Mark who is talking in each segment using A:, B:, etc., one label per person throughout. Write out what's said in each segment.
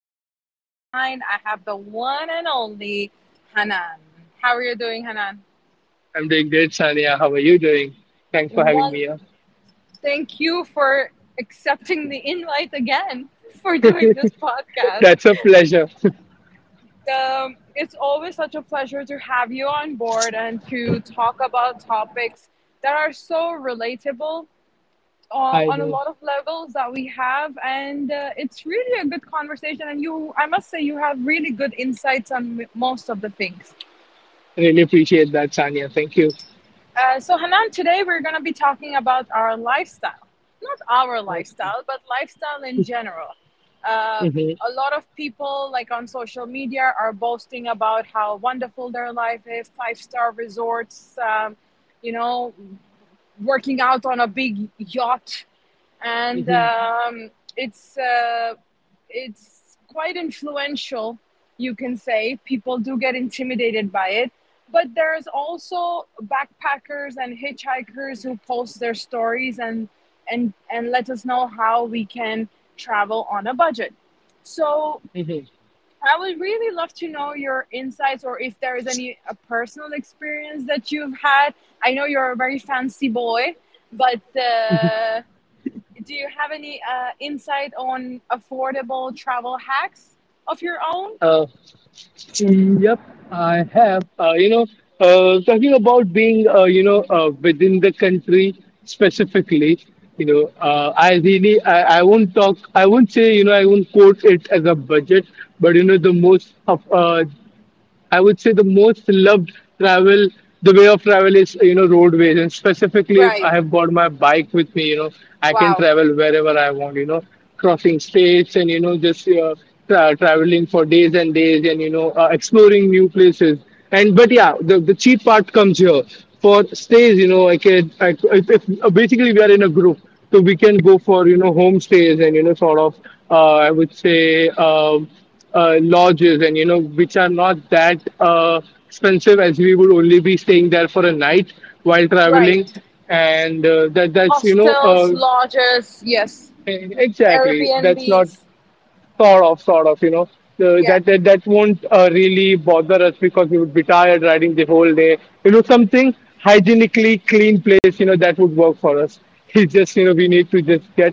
A: and on the other line, I have the one and only Hanan. How are you doing, Hanan?
B: I'm doing great, Sania. How are you doing? Thanks for having me
A: One,
B: here.
A: thank you for accepting the invite again for doing this podcast.
B: That's a pleasure.
A: It's always such a pleasure to have you on board and to talk about topics that are so relatable
B: I
A: on a
B: know.
A: lot of levels that we have, and it's really a good conversation, and you I must say you have really good insights on most of the things.
B: Really appreciate that, Sania. Thank you.
A: So Hanan, today we're going to be talking about our lifestyle, not our
B: Awesome.
A: lifestyle but lifestyle in general. uh,
B: Mm-hmm.
A: a lot of people, like on social media, are boasting about how wonderful their life is: five-star resorts, you know working out on a big yacht, and
B: Mm-hmm.
A: it's uh, it's quite influential, you can say. People do get intimidated by it, but there's also backpackers and hitchhikers who post their stories and and let us know how we can travel on a budget. So
B: Mm-hmm.
A: I would really love to know your insights, or if there is any a personal experience that you've had. I know you're a very fancy boy, but. Do you have any insight on affordable travel hacks of your own?
B: Uh, yep, I have. Talking about being, within the country specifically, I really, I won't talk, I won't say, I won't quote it as a budget, but, you know, the most, I would say the most loved travel, the way of travel is, you know, roadways. And specifically, if
A: Right.
B: I have got my bike with me, you know, I can
A: Wow.
B: travel wherever I want, you know, crossing states and, you know, just traveling for days and days and, exploring new places. But yeah, the cheap part comes here. For stays, you know, I can, I, if, basically we are in a group, so we can go for, you know, homestays and, you know, sort of, I would say, lodges, and you know, which are not that expensive, as we would only be staying there for a night while
A: Right.
B: traveling. And that that's you know
A: Hostels, lodges, yes.
B: e- exactly, that's not.
A: Airbnbs.
B: Sort of, sort of, you know,
A: Yeah,
B: that won't really bother us because we would be tired riding the whole day. You know, something hygienically clean place, you know, that would work for us. It's just, you know, we need to just get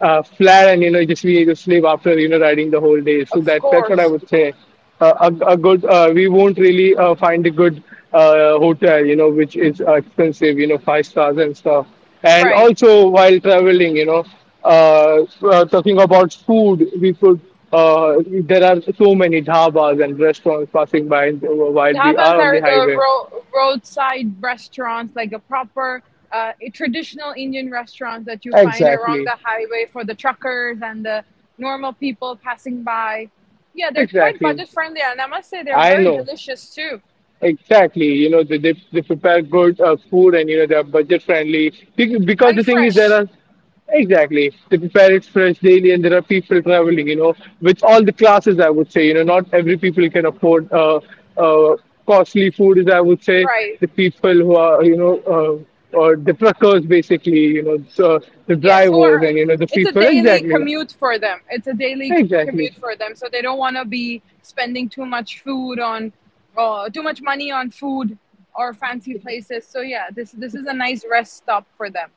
B: flat and, you know, just we need to sleep after, you know, riding the whole day. So
A: of
B: that's what I
A: course.
B: would say. A good, we won't really find a good hotel, you know, which is expensive, you know, five stars and stuff. And
A: Right.
B: also while traveling, you know, uh, talking about food, we could, uh, there are so many dhabas and restaurants passing by while we
A: Tapas
B: are on the
A: are the
B: highway.
A: roadside restaurants, like a proper a traditional Indian restaurants that you find along
B: Exactly.
A: the highway for the truckers and the normal people passing by. Yeah, they're quite
B: Exactly.
A: budget friendly, and I must say they're
B: I
A: very
B: know.
A: delicious too.
B: Exactly, you know, they prepare good food and you know they're budget friendly. Because
A: And
B: the thing is, there
A: fresh.
B: are, exactly, they prepare it fresh daily, and there are people traveling, you know, with all the classes, I would say, you know, not every people can afford, uh, costly food is, I would say,
A: Right.
B: the people who are, you know, or the truckers basically, you know. So the
A: Yes. Who
B: drivers
A: are?
B: and, you know, the
A: It's a
B: people,
A: daily
B: exactly.
A: commute for them. It's a daily
B: Exactly.
A: commute for them, so they don't want to be spending too much food on, too much money on food or fancy places. So yeah, this is a nice rest stop for them.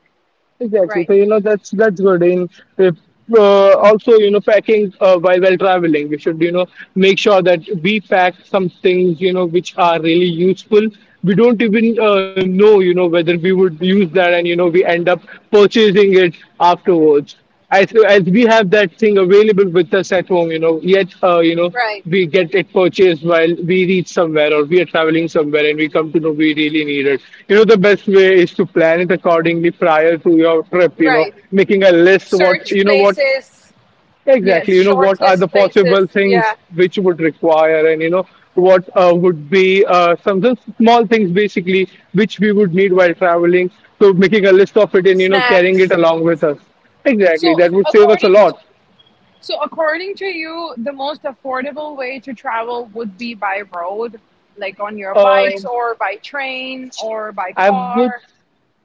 B: Exactly.
A: Right.
B: So you know that's good. In if, Uh, also you know packing while while traveling, we should, you know, make sure that we pack some things, you know, which are really useful. We don't even know, you know, whether we would use that, and you know we end up purchasing it afterwards as we have that thing available with us at home, you know, yet you know
A: Right.
B: we get it purchased while we reach somewhere or we are traveling somewhere and we come to know we really need it. You know, the best way is to plan it accordingly prior to your trip. You know,
A: Right.
B: making a list, what
A: Search
B: you know, what.
A: places.
B: Exactly.
A: Yes.
B: You know, what are
A: Shortlist
B: the
A: places.
B: possible
A: Yeah.
B: things which would require, and you know, what would be, some just small things basically which we would need while traveling. So making a list of it and you know carrying
A: Snacks.
B: it along with us. Exactly.
A: So
B: That would save us a
A: according
B: lot.
A: So, according to you, the most affordable way to travel would be by road, like on your
B: Uh,
A: bikes or by train or by
B: I would
A: car.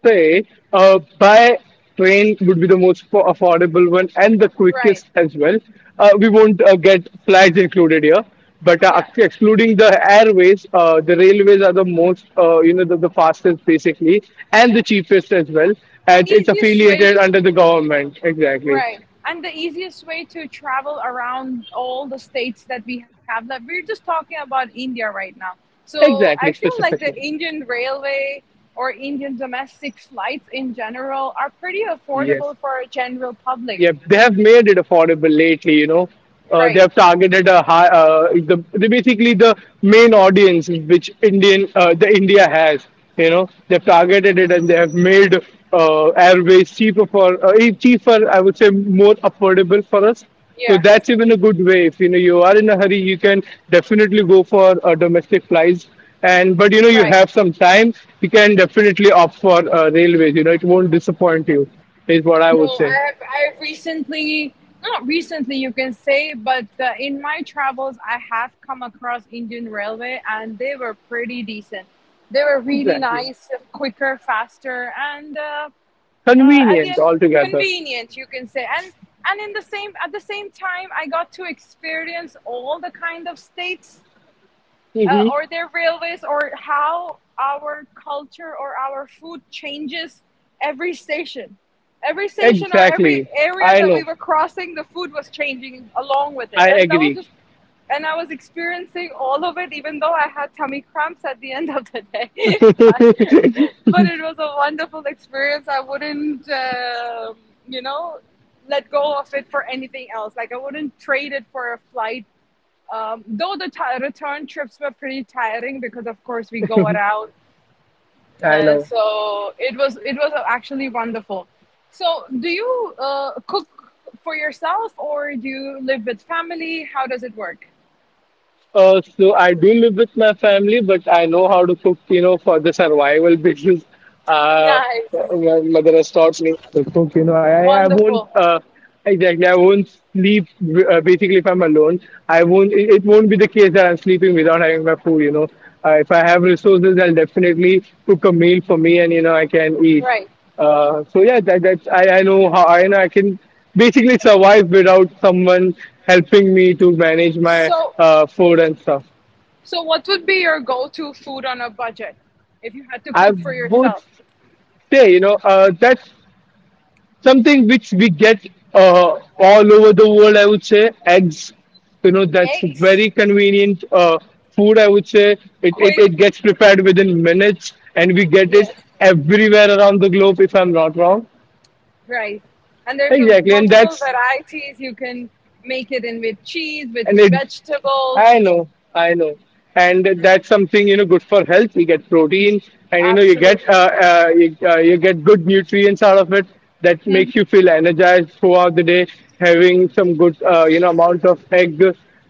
B: say, by train would be the most affordable one and the
A: Right.
B: quickest as well. We won't get flights included here, but
A: Yeah.
B: excluding the airways, the railways are the most, you know, the fastest basically and the cheapest as well.
A: An
B: And it's
A: easiest way,
B: affiliated
A: to,
B: under the government. Exactly.
A: right. And the easiest way to travel around all the states that we have. Like we're just talking about India right now. So, I
B: Exactly.
A: feel like the
B: Specifically.
A: Indian railway or Indian domestic flights in general are pretty affordable
B: Yes.
A: for a general public.
B: Yep, they have made it affordable lately. You know, they
A: Right.
B: have targeted a high, the basically the main audience which Indian the India has. You know, they've targeted it and they have made airways cheaper for, cheaper, I would say, more affordable for us.
A: Yeah.
B: So that's even a good way. If you know you are in a hurry, you can definitely go for domestic flights. And but you know you
A: Right.
B: have some time, you can definitely opt for railways. You know it won't disappoint you, is what I
A: No,
B: would say.
A: I have recently, not recently you can say, but in my travels I have come across Indian Railway, and they were pretty decent. They were really
B: Exactly.
A: nice, quicker, faster, and at the
B: Convenient
A: end
B: altogether.
A: convenient you can say. And in the same at the same time I got to experience all the kind of states,
B: Hmm.
A: or their railways, or how our culture or our food changes every station. Every station or every
B: Exactly.
A: area
B: I
A: that we
B: know.
A: were crossing, the food was changing along with it.
B: I
A: And that was
B: agree.
A: just, and I was experiencing all of it, even though I had tummy cramps at the end of the day. but, but it was a wonderful experience. I wouldn't, you know, let go of it for anything else. Like, I wouldn't trade it for a flight, though the ti return trips were pretty tiring because, of course, we go around.
B: I know.
A: So it was actually wonderful. So, do you cook for yourself, or do you live with family? How does it work?
B: So I do live with my family, but I know how to cook, you know, for the survival. Because uh,
A: Nice,
B: my mother has taught me to cook. You know, I won't,
A: wonderful,
B: exactly, I won't sleep, basically, if I'm alone. I won't. It won't be the case that I'm sleeping without having my food. You know, if I have resources, I'll definitely cook a meal for me, and you know I can eat.
A: right?
B: So yeah, that's, I know how, I know I can basically survive without someone helping me to manage my
A: So,
B: food and stuff.
A: so what would be your go-to food on a budget if you had to
B: I
A: cook for
B: would
A: yourself?
B: say, you know, that's something which we get all over the world. I would say eggs. You know that's
A: Eggs,
B: very convenient, food, I would say. It
A: quick,
B: it gets prepared within minutes, and we get it
A: yes.
B: everywhere around the globe. If I'm not wrong.
A: Right. And there's a
B: Exactly, and
A: multiple
B: that's,
A: varieties. You can make it in with cheese, with
B: and it, I
A: vegetables.
B: know, I know, and that's something, you know, good for health. You get protein and you know you get,
A: Absolutely.
B: you get good nutrients out of it that
A: Mhm.
B: makes you feel energized throughout the day, having some good you know amount of egg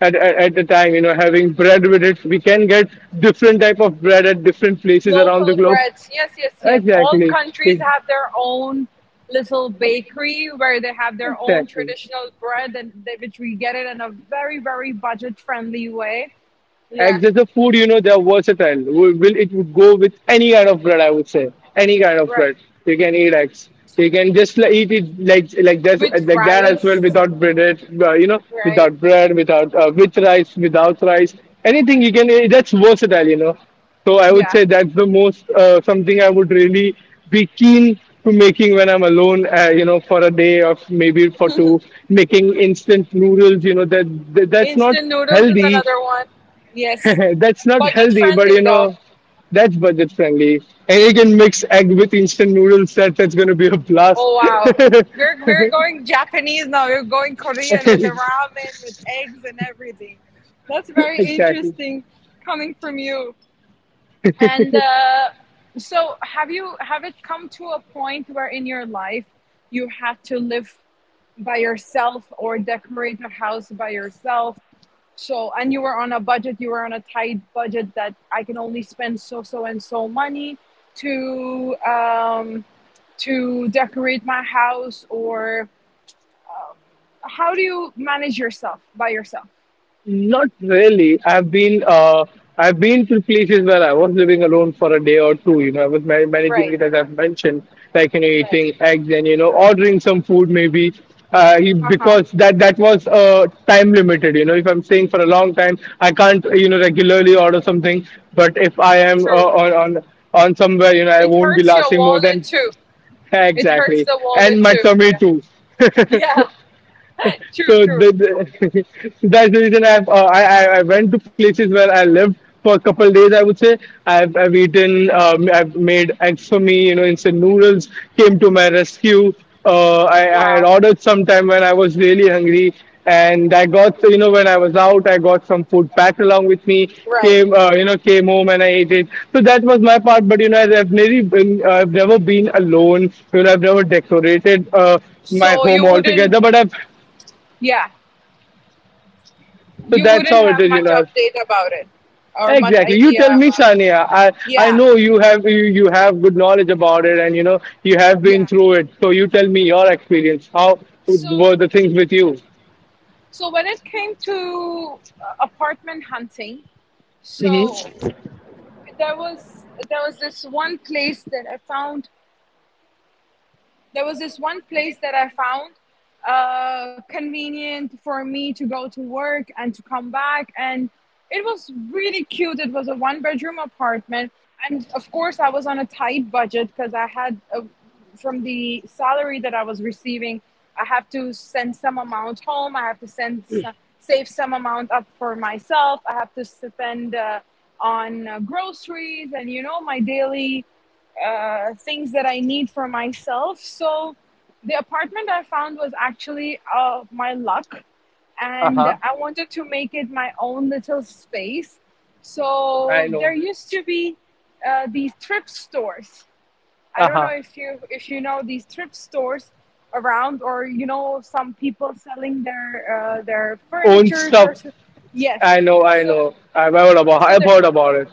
B: at a time, you know, having bread with it. We can get different type of bread at different places around the
A: Local
B: globe.
A: breads. Yes, yes, yes. All
B: Exactly.
A: countries have their own little bakery where they have their own
B: Exactly.
A: traditional bread, and they, which we get it in a very, very budget friendly way. Yeah,
B: Eggs as a food, you know, they're versatile. It would go with any kind of bread, I would say, any kind of
A: right.
B: bread. You can eat eggs. You can just, like, eat it like this,
A: With
B: like that as well
A: rice.
B: without bread. You know,
A: Right.
B: without bread, without, with rice, without rice. Anything you can eat. That's versatile. You know. So I would
A: Yeah.
B: say that's the most, something I would really be keen to making when I'm alone. You know, for a day or maybe for two, making instant noodles. You know that that's not
A: Instant noodles is
B: healthy,
A: another one. Yes.
B: that's not
A: Budget
B: healthy, but you
A: friendly though.
B: know, that's budget friendly. And you can mix egg with instant noodles. That's going to be a blast.
A: Oh wow. We're going Japanese now. We're going Korean with the ramen, with eggs and everything. That's very
B: Exactly.
A: interesting coming from you. And so, have you have it come to a point where in your life you had to live by yourself, or decorate a house by yourself, so, and you were on a budget, you were on a tight budget that I can only spend so, so, and so money to, um, to decorate my house, or how do you manage yourself by yourself?
B: Not really. I've been, I've been to places where I was living alone for a day or two. You know, I was managing
A: Right,
B: it as I've mentioned, like you know,
A: right.
B: eating eggs and you know, ordering some food maybe.
A: Uh huh.
B: Because that that was time limited. You know, if I'm staying for a long time, I can't you know regularly order something. But if I am,
A: True.
B: on on on somewhere, you know, I
A: It
B: won't be
A: hurts your
B: lasting more
A: wallet
B: than,
A: too. It hurts
B: exactly,
A: the wallet
B: and my
A: too.
B: tummy
A: Yeah.
B: too.
A: Yeah, true,
B: So
A: true.
B: so that's the reason I've, I went to places where I lived for a couple of days, I would say. I've eaten, I've made eggs for me. You know, instant noodles came to my rescue. I had
A: Wow.
B: ordered sometime when I was really hungry, and I got you know when I was out I got some food packed along with me.
A: Right.
B: Came, you know, came home and I ate it. So that was my part. But you know I've never been alone. You know I've never decorated, my
A: So
B: home
A: you wouldn't,
B: altogether, but I've,
A: yeah,
B: so
A: you
B: that's
A: wouldn't
B: how it
A: have
B: is, you
A: much
B: know.
A: update about it or much
B: Exactly. You
A: idea
B: tell me,
A: about it.
B: Sania. I
A: Yeah.
B: know you have, you have good knowledge about it, and you know you have been
A: Yeah.
B: through it. So you tell me your experience. How
A: So,
B: were the things with you?
A: so when it came to apartment hunting,
B: Hmm.
A: so there was this one place that I found there was this one place that I found convenient for me to go to work and to come back. And it was really cute. It was a one bedroom apartment. And of course, I was on a tight budget because I had, uh, from the salary that I was receiving, I have to send some amount home. I have to send some, save some amount up for myself. I have to spend on groceries and, you know, my daily things that I need for myself. So the apartment I found was actually my luck,
B: Uh
A: and
B: huh.
A: I wanted to make it my own little space.
B: I
A: So
B: know.
A: there used to be these thrift stores. I
B: Uh
A: don't
B: huh.
A: know if you know these thrift stores around, or you know some people selling their
B: Own
A: furnitures
B: stuff.
A: or so. Yes.
B: I know. I
A: So
B: know. I've heard about.
A: so
B: I've
A: there
B: heard about it.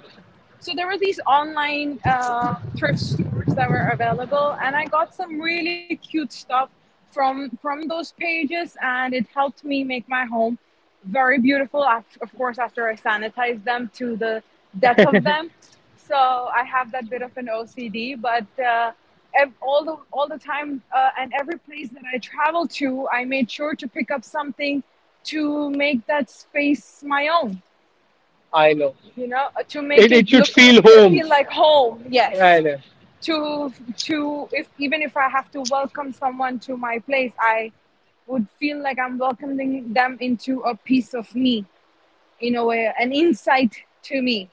A: so there were these online thrift stores that were available, and I got some really cute stuff from those pages, and it helped me make my home very beautiful. Of course, after I sanitized them to the death of them, so I have that bit of an OCD, but. All the time, and every place that I travel to, I made sure to pick up something to make that space my own,
B: I know.
A: you know, to make
B: It
A: it
B: should
A: look
B: feel home.
A: feel like home,
B: I
A: yes,
B: know.
A: to if even if I have to welcome someone to my place, I would feel like I'm welcoming them into a piece of me, in a way an insight to me.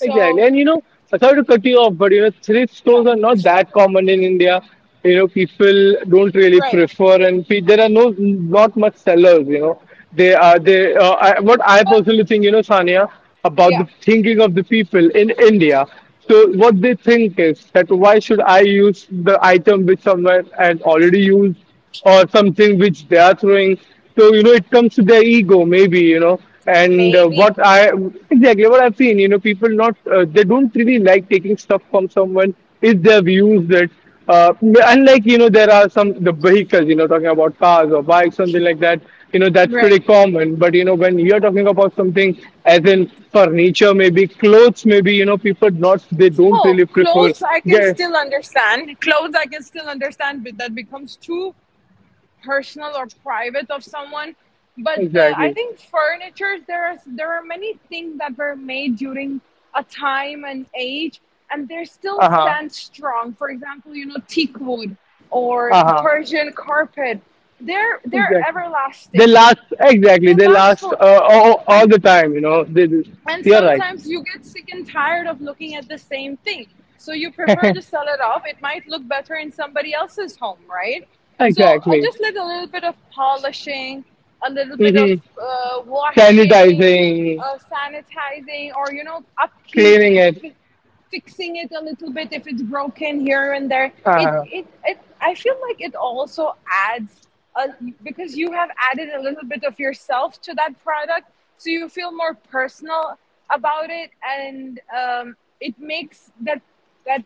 B: Exactly. And you know, sorry to cut you off, but you know, thrift
A: yeah,
B: stores are not that common in India. You know, people don't really
A: right.
B: prefer, and there are no, not much sellers. You know, they are they. I, what I
A: But
B: personally think, you know, Sania, about
A: yeah,
B: the thinking of the people in India. So what they think is, that why should I use the item which someone has already used? Or something which they are throwing. So you know, it comes to their ego, maybe, you know. And
A: maybe,
B: what I exactly what I've seen, you know, people not they don't really like taking stuff from someone if they've used it. Unlike you know, there are some the vehicles, you know, talking about cars or bikes, something like that. You know, that's
A: right.
B: pretty common. But you know, when you're talking about something as in furniture, maybe clothes, maybe you know, people not they don't
A: Oh,
B: really prefer.
A: clothes I can
B: Yeah,
A: still understand, clothes I can still understand, but that becomes too personal or private of someone. But I
B: exactly.
A: think furnitures there is there are many things that were made during a time and age, and they still
B: Uh huh.
A: stand strong. For example, you know teak wood or
B: Uh huh.
A: Persian carpet. They're
B: Exactly.
A: everlasting. They
B: They
A: last
B: last
A: forever.
B: all the
A: and
B: time. You know.
A: and
B: You're right.
A: sometimes you get sick and tired of looking at the same thing, so you prefer to sell it off. It might look better in somebody else's home, right? So I
B: Exactly.
A: just did a little bit of polishing, a little bit of
B: Hmm.
A: washing,
B: Sanitizing,
A: sanitizing, or you know upkeep,
B: cleaning
A: like
B: it.
A: fixing it a little bit if it's broken here and there. It
B: Uh-huh.
A: it, it I feel like it also adds a, because you have added a little bit of yourself to that product, so you feel more personal about it, and it makes that that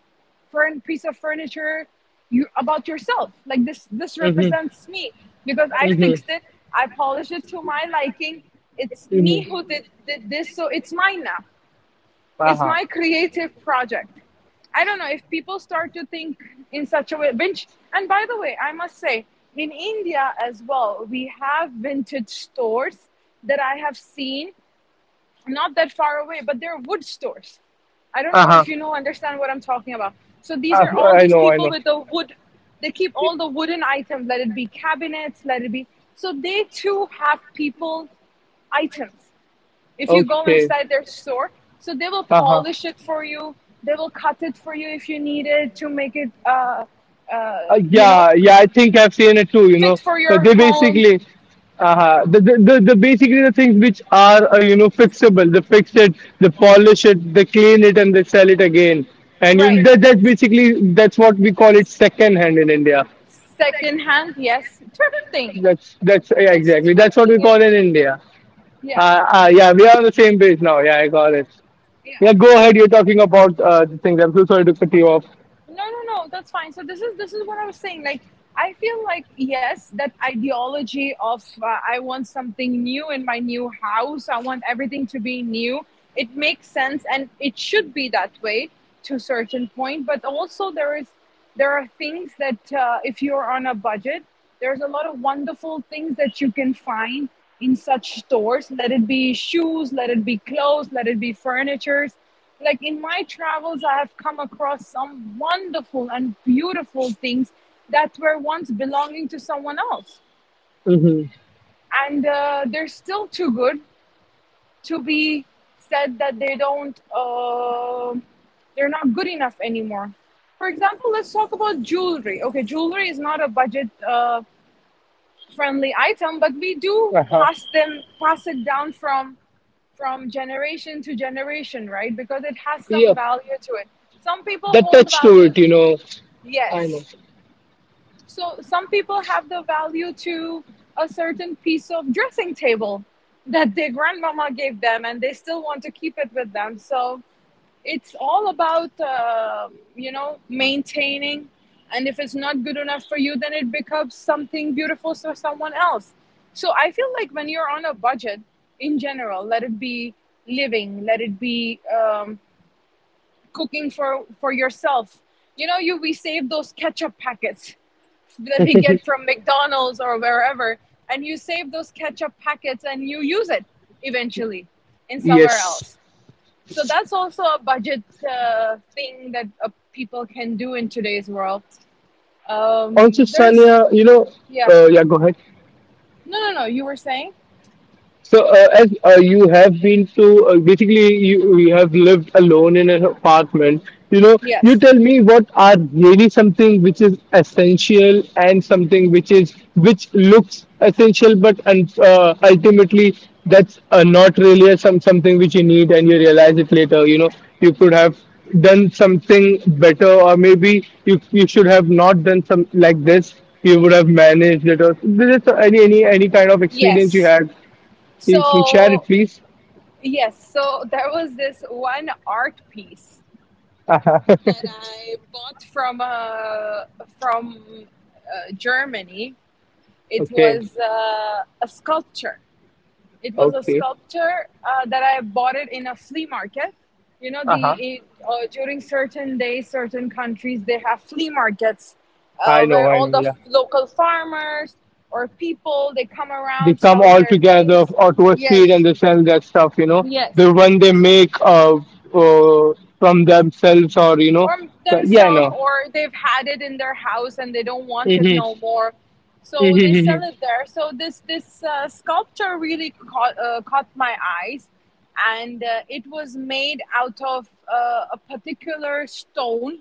A: furn piece of furniture you about yourself. Like this
B: Mm-hmm.
A: represents me because I fixed it, I polished it to my liking. It's me who did this, so it's mine now, it's
B: Uh-huh.
A: my creative project. I don't know if people start to think in such a way. Vintage, and by the way, I must say, in India as well, we have vintage stores that I have seen not that far away, but they're wood stores. I don't know if
B: Uh-huh.
A: you know understand what I'm talking about. So these are all
B: I
A: these
B: know. I
A: people
B: know.
A: with the wood. They keep all the wooden items. Let it be cabinets. Let it be. So they too have people items if you go
B: Okay.
A: inside their store. So they will
B: Uh-huh.
A: polish it for you. They will cut it for you if you need it to make it, uh, you know,
B: Yeah, yeah, I think I've seen it too. You know,
A: fit for your
B: They
A: home.
B: basically, the basically the things which are you know fixable. They fix it, they polish it, they clean it, and they sell it again. And you
A: Right.
B: that that's basically that's what we call it second hand in India.
A: Second hand, yes. Thrifting.
B: That's yeah,
A: It's
B: exactly that's what we
A: thrifting.
B: call
A: And
B: in India.
A: yeah,
B: Yeah, we are on the same page now. Yeah, I got it.
A: yeah.
B: Yeah, go ahead. You're talking about the things. I'm so sorry to cut you off.
A: No, no, no. That's fine. So this is what I was saying. Like I feel like yes, that ideology of I want something new in my new house. I want everything to be new. It makes sense, and it should be that way to a certain point. But also there is there are things that if you're on a budget, there's a lot of wonderful things that you can find in such stores. Let it be shoes, let it be clothes, let it be furnitures, like in my travels I have come across some wonderful and beautiful things that were once belonging to someone else,
B: Mm-hmm.
A: and they're still too good to be said that they don't they're not good enough anymore. For example, let's talk about jewelry. Okay, jewelry is not a budget friendly item, but we do
B: Uh-huh.
A: pass it down from generation to generation, right? Because it has
B: Yeah.
A: some value to it. Some people
B: The
A: hold
B: touch to
A: values,
B: it, you know. I know.
A: yes. So some people have the value to a certain piece of dressing table that their grandmama gave them and they still want to keep it with them. So it's all about you know, maintaining, and if it's not good enough for you then it becomes something beautiful for someone else. So I feel like when you're on a budget in general, let it be living, let it be cooking for yourself, you know, you we save those ketchup packets that we get from McDonald's or wherever, and you save those ketchup packets and you use it eventually in somewhere
B: Yes.
A: else. So that's also a budget thing that people can do in today's world.
B: Also,
A: There's,
B: Sania, you know,
A: yeah.
B: yeah, go ahead.
A: No, no, no. You were saying?
B: So, as you have been to, basically, you have lived alone in an apartment. You know, you
A: Yes.
B: tell me what are really something which is essential and something which is which looks essential, but ultimately that's not really something which you need, and you realize it later. You know, you could have done something better, or maybe you should have not done some like this. You would have managed it, or this is any kind of experience you
A: Yes.
B: had you can share it,
A: So,
B: please.
A: yes. So there was this one art piece that I bought from Germany. It
B: Okay.
A: was a sculpture. It was a
B: Okay.
A: sculpture that I bought it in a flea market. You know,
B: Uh-huh.
A: during certain days, certain countries they have flea markets where
B: I
A: all
B: know,
A: the
B: yeah.
A: local farmers or people they come
B: They
A: around
B: come
A: sell
B: all
A: their
B: together
A: things.
B: or to a street and
A: Yes.
B: they sell that stuff, you know.
A: Yes,
B: The one they make uh from themselves or you know.
A: or
B: But yeah, I
A: themselves,
B: know.
A: or they've had it in their house and they don't want it no more, so they
B: Mm-hmm.
A: sell it
B: Hmm.
A: there. So this sculpture really caught, caught my eyes, and it was made out of a particular stone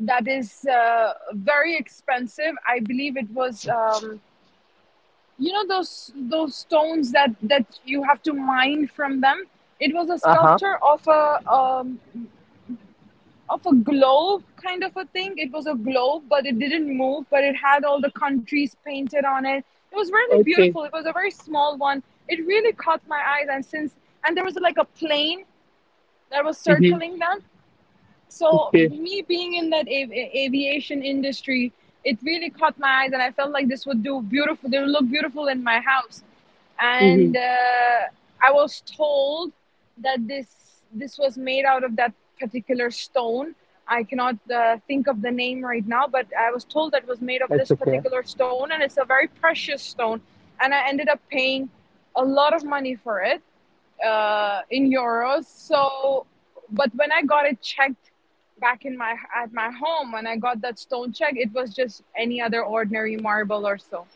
A: that is very expensive. I believe it was you know, those stones that you have to mine from them. It was a
B: Uh-huh.
A: sculpture of a globe kind of a thing. It was a globe, but it didn't move, but it had all the countries painted on it. It was really
B: Okay.
A: beautiful. It was a very small one. It really caught my eyes, and since and there was like a plane that was
B: Mm-hmm.
A: circling them, so
B: Okay.
A: me being in that aviation industry, it really caught my eyes and I felt like this would do beautiful they would look beautiful in my house. And
B: Mm-hmm.
A: I was told that this was made out of that particular stone. I cannot think of the name right now, but I was told that it was made of
B: That's
A: this
B: okay.
A: particular stone and it's a very precious stone, and I ended up paying a lot of money for it, in euros. So, but when I got it checked back in my home, when I got that stone check, it was just any other ordinary marble or so.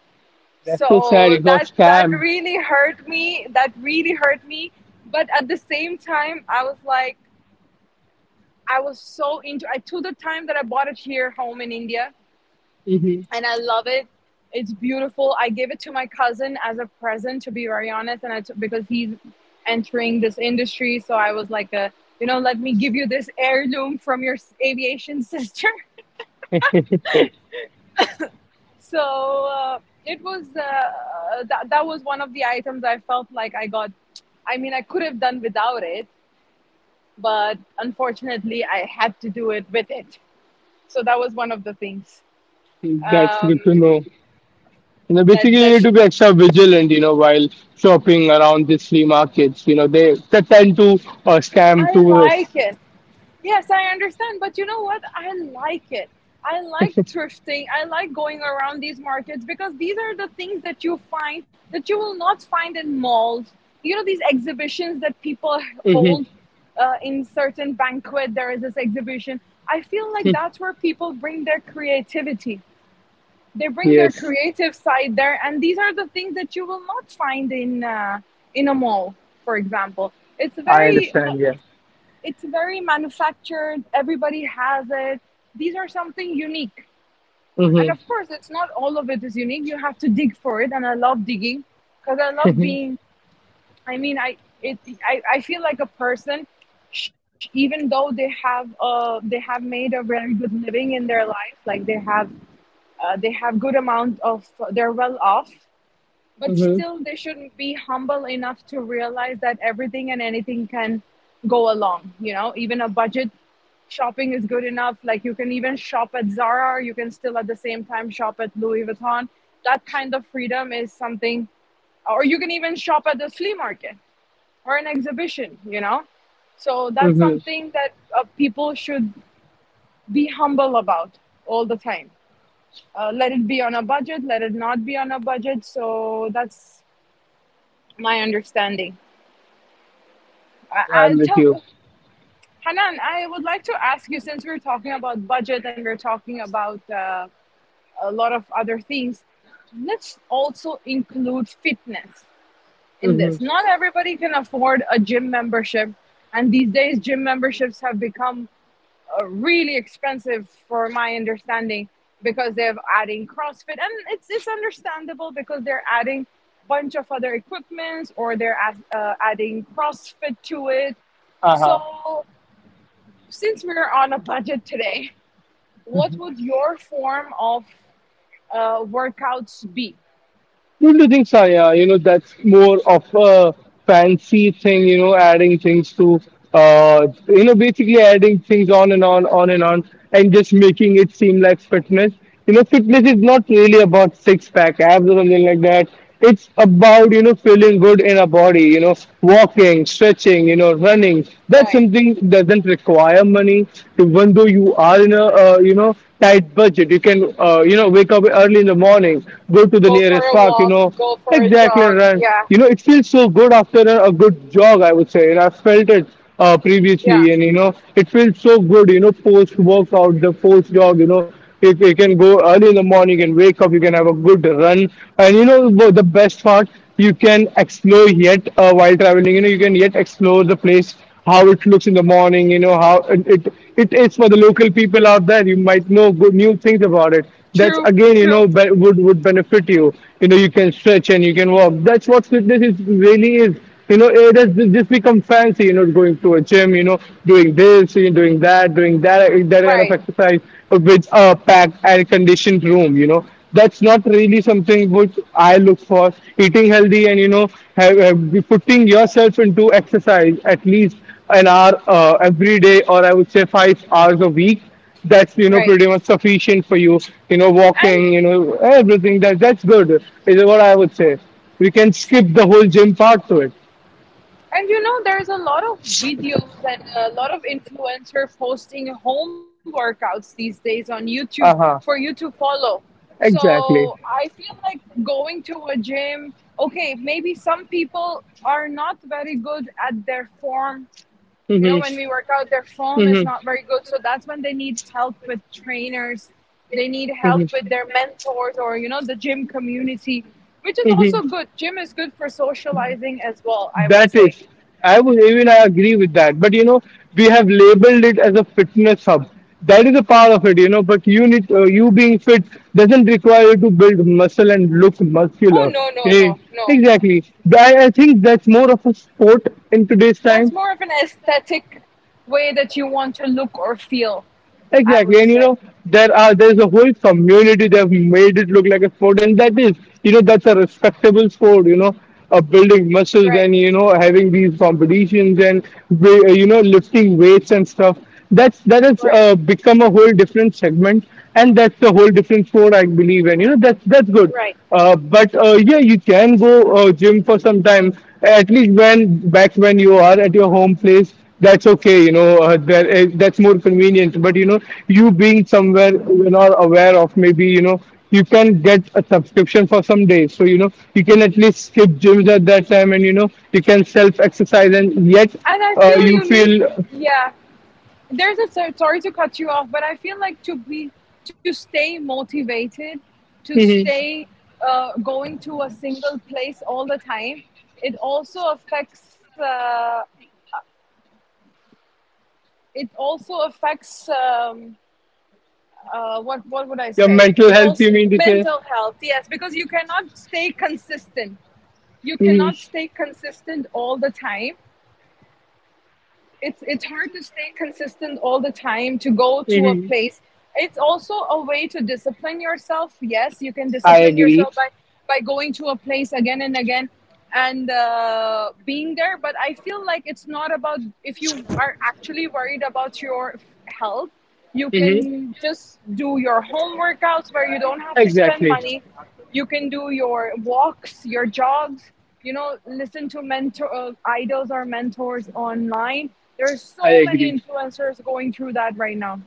B: That's so sad.
A: So
B: You got
A: that
B: scammed.
A: really hurt me. That really hurt me. But at the same time, I was like, I was so into. I took the time that I bought it here home in India,
B: Mm-hmm.
A: and I love it. It's beautiful. I gave it to my cousin as a present, to be very honest, and because he's entering this industry, so I was like, a, you know, let me give you this heirloom from your aviation sister. So it was that was one of the items I felt like I got. I mean, I could have done without it, but unfortunately, I had to do it with it. So that was one of the things,
B: That's
A: um,
B: good to know. You know,
A: that
B: basically, you
A: that
B: need to be extra vigilant, you know, while shopping around these flea markets. You know, they tend to scam
A: I
B: tourists.
A: like it. Yes, I understand, but you know what? I like it. I like thrifting. I like going around these markets because these are the things that you find that you will not find in malls. You know, these exhibitions that people hold
B: Hmm.
A: in certain banquet, there is this exhibition. I feel like that's where people bring their creativity. They bring their
B: Yes,
A: creative side there, and these are the things that you will not find in a mall, for example. It's
B: I
A: very
B: understand. Yeah.
A: manufactured. Everybody has it. These are something unique. And
B: Mm-hmm.
A: of course, it's not all of it is unique. You have to dig for it. And I love digging because I love being, I mean, I feel like a person, even though they have made a very good living in their life, like they have good amount of, they're well off, but
B: Mm-hmm.
A: still they shouldn't be humble enough to realize that everything and anything can go along, you know. Even a budget shopping is good enough. Like you can even shop at Zara, you can still at the same time shop at Louis Vuitton. That kind of freedom is something, or you can even shop at the flea market or an exhibition, you know. So that's
B: Mm-hmm.
A: something that people should be humble about all the time, let it be on a budget, let it not be on a budget. So that's my understanding. I, I
B: I'm with
A: tell
B: you.
A: Hanan, I would like to ask you, since we're talking about budget and we're talking about a lot of other things, let's also include fitness in
B: Mm-hmm.
A: this. Not everybody can afford a gym membership, and these days gym memberships have become really expensive for my understanding, because they're adding CrossFit and it's understandable because they're adding a bunch of other equipments, or they're adding CrossFit to it.
B: Uh-huh.
A: So since we're on a budget today, what would your form of workouts be?
B: Don't you think, Sanya, you know, that's more of a fancy thing, you know, adding things to, you know, basically adding things on, and just making it seem like fitness. You know, fitness is not really about six pack abs or something like that. It's about you know feeling good in our body, you know, walking, stretching, you know, running. That's
A: Right.
B: something doesn't require money. Even though you are in a you know tight budget, you can you know wake up early in the morning, go to the
A: Go for
B: nearest
A: a
B: park, you
A: walk,
B: know.
A: go for a
B: Exactly,
A: jog.
B: Ryan.
A: Yeah,
B: You know, it feels so good after a good jog, I would say, and I've felt it
A: yeah.
B: previously, and you know, it feels so good, you know, post workout, the post jog, you know, if you can go early in the morning and wake up, you can have a good run, and you know, the best part, you can explore yet while traveling, you know, you can yet explore the place how it looks in the morning, you know, how it is for the local people out there. You might know good new things about it. That's
A: True,
B: again, you
A: true.
B: know, would benefit you. You know, you can stretch and you can walk. That's what fitness is really is. You know, it has just become fancy, you know, going to a gym, you know, doing this, you know, doing that, that kind of
A: Right,
B: exercise with a packed and conditioned room, you know that's not really something which I look for. Eating healthy and you know putting yourself into exercise at least an hour every day, or I would say 5 hours a week. That's you know
A: right.
B: pretty much sufficient for you. You know
A: And.
B: walking, you know everything. That's good is what I would say. We can skip the whole gym part to it.
A: And you know, there's a lot of videos and a lot of influencer posting home workouts these days on YouTube
B: Uh
A: for
B: huh.
A: you to follow. So
B: Exactly.
A: I feel like going to a gym, okay, maybe some people are not very good at their form. You know,
B: Hmm.
A: when we work out, their form is not very good. So that's when they need help with trainers. They need help with their mentors, or, you know, the gym community, which is also good. Gym is good for socializing as well, I would
B: That
A: say.
B: is, I would even I agree with that. But you know, we
A: Yeah.
B: have labeled it as a fitness hub. That is a part of it, you know. But you need you being fit doesn't require you to build muscle and look
A: Oh
B: muscular.
A: no, no,
B: Eh,
A: no, no.
B: Exactly. I think that's more of a sport in today's
A: That's
B: time.
A: more of an aesthetic way that you want to look or feel, I would
B: Exactly, and you
A: say.
B: know there's a whole community. They've made it look like a sport, and that is you know that's a respectable sport. You know, building muscles
A: Right,
B: and you know having these competitions and you know lifting weights and stuff. That's that has
A: right,
B: become a whole different segment, and that's a whole different sport I believe. And you know that's good.
A: right.
B: But Yeah, you can go gym for some time, at least when back when you are at your home place that's okay you know that's more convenient but you know you being somewhere you're not aware of maybe you know you can get a subscription for some days so you know you can at least skip gyms at that time and you know you can self exercise and yet
A: And I feel
B: you
A: you need,
B: feel.
A: yeah. There's a sorry to cut you off, but I feel like to be to stay motivated, to
B: Mhm.
A: stay going to a single place all the time, it also affects. It also affects. What would I
B: Your
A: say?
B: mental
A: It
B: health you
A: also
B: mean to say.
A: mental health, yes, because you cannot stay consistent. You
B: Hmm.
A: cannot stay consistent all the time. It's hard to stay consistent all the time to go to a
B: Hmm.
A: place. It's also a way to discipline yourself. Yes, you can
B: I
A: discipline
B: agree.
A: yourself by going to a place again and again, and being there, but I feel like it's not about, if you are actually worried about your health, you
B: Hmm.
A: can just do your home workouts where you don't have to spend
B: Exactly.
A: money. You can do your walks, your jogs, you know, listen to mentor idols or mentors online. There's
B: I
A: so many
B: agree.
A: influencers going through that right now.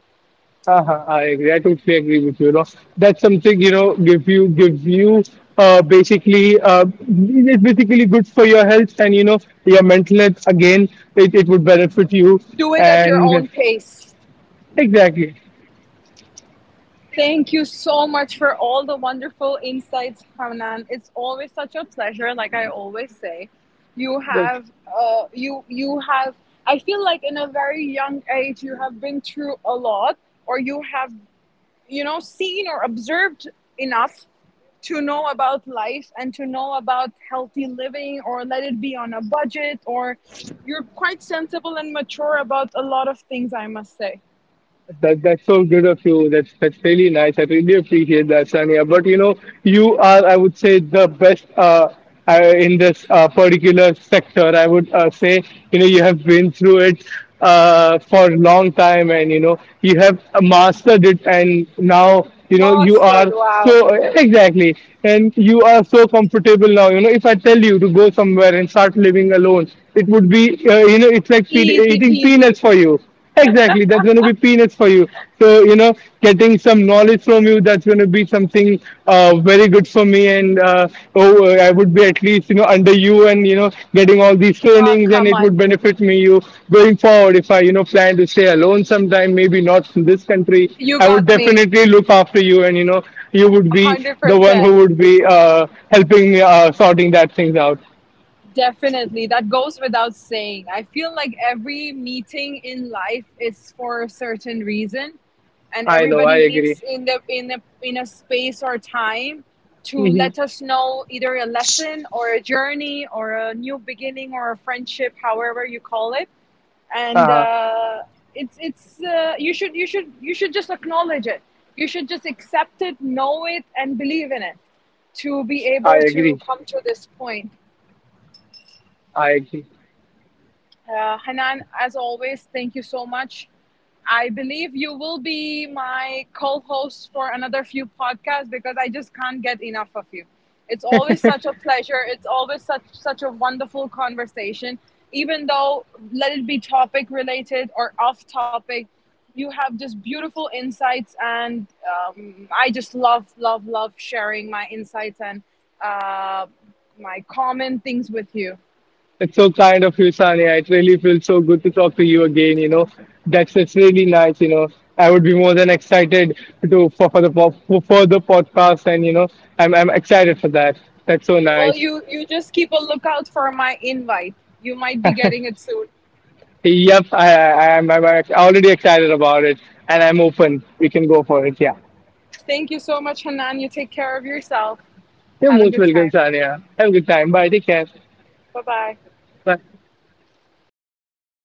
B: Uh-huh, I agree. I totally agree with you, you know. That's something You know give you basically it's basically good for your health and you know your mental health again. It would benefit you
A: Do it at your
B: and
A: own pace.
B: exactly.
A: Thank you so much for all the wonderful insights, Hanan. It's always such a pleasure, like I always say, you have you you have, I feel like in a very young age you have been through a lot, or you have, you know, seen or observed enough to know about life and to know about healthy living, or let it be on a budget or, you're quite sensible and mature about a lot of things, I must say.
B: That's so good of you. That's really nice. I really appreciate that, Sania. But you know, you are, I would say, the best in this particular sector. I would say, you know, you have been through it for a long time, and you know, you have mastered it, and now you know you
A: Mustard,
B: are
A: wow.
B: so exactly, and you are so comfortable now. You know, if I tell you to go somewhere and start living alone, it would be, you know, it's like
A: Easy
B: eating
A: peasy.
B: peanuts for you. Exactly, that's going to be peanuts for you. So, you know, getting some knowledge from you, that's going to be something very good for me. I would be at least, you know, under you and, you know, getting all these
A: Oh
B: trainings and
A: come
B: it
A: on.
B: would benefit me. You going forward, if I, you know, plan to stay alone sometime, maybe not in this country,
A: You
B: I would
A: got me.
B: definitely look after you. And, you know, you would be the one who
A: 100%
B: would be helping me sorting that things out.
A: definitely. That goes without saying. I feel like every meeting in life is for a certain reason, and
B: I know, I
A: everybody
B: agree.
A: meets in the in a space or time to let us know either a lesson or a journey or a new beginning or a friendship, however you call it. And
B: uh,
A: it's you should you should you should just acknowledge it. You should just accept it, know it, and believe in it to be
B: I
A: able to
B: agree.
A: come to this point.
B: I agree.
A: Hanan, as always, thank you so much. I believe you will be my co host for another few podcasts because I just can't get enough of you. It's always such a pleasure. It's always such a wonderful conversation. Even though let it be topic related or off topic, you have just beautiful insights, and I just love, love, love sharing my insights and uh, my common things with you.
B: It's so kind of you, Sania. It really feels so good to talk to you again. You know, that's it's really nice. You know, I would be more than excited to for the for the podcast, and you know, I'm excited for that. That's so
A: Well,
B: nice.
A: you just keep a lookout for my invite. You might be getting it soon.
B: Yep, I'm already excited about it, and I'm open. We can go for it. Yeah.
A: Thank you so much, Hanan. You take care of yourself.
B: You're
A: Have a
B: most
A: good
B: welcome,
A: time.
B: Sania. Have a good time. Bye. Take care.
A: Bye bye.
B: Bye.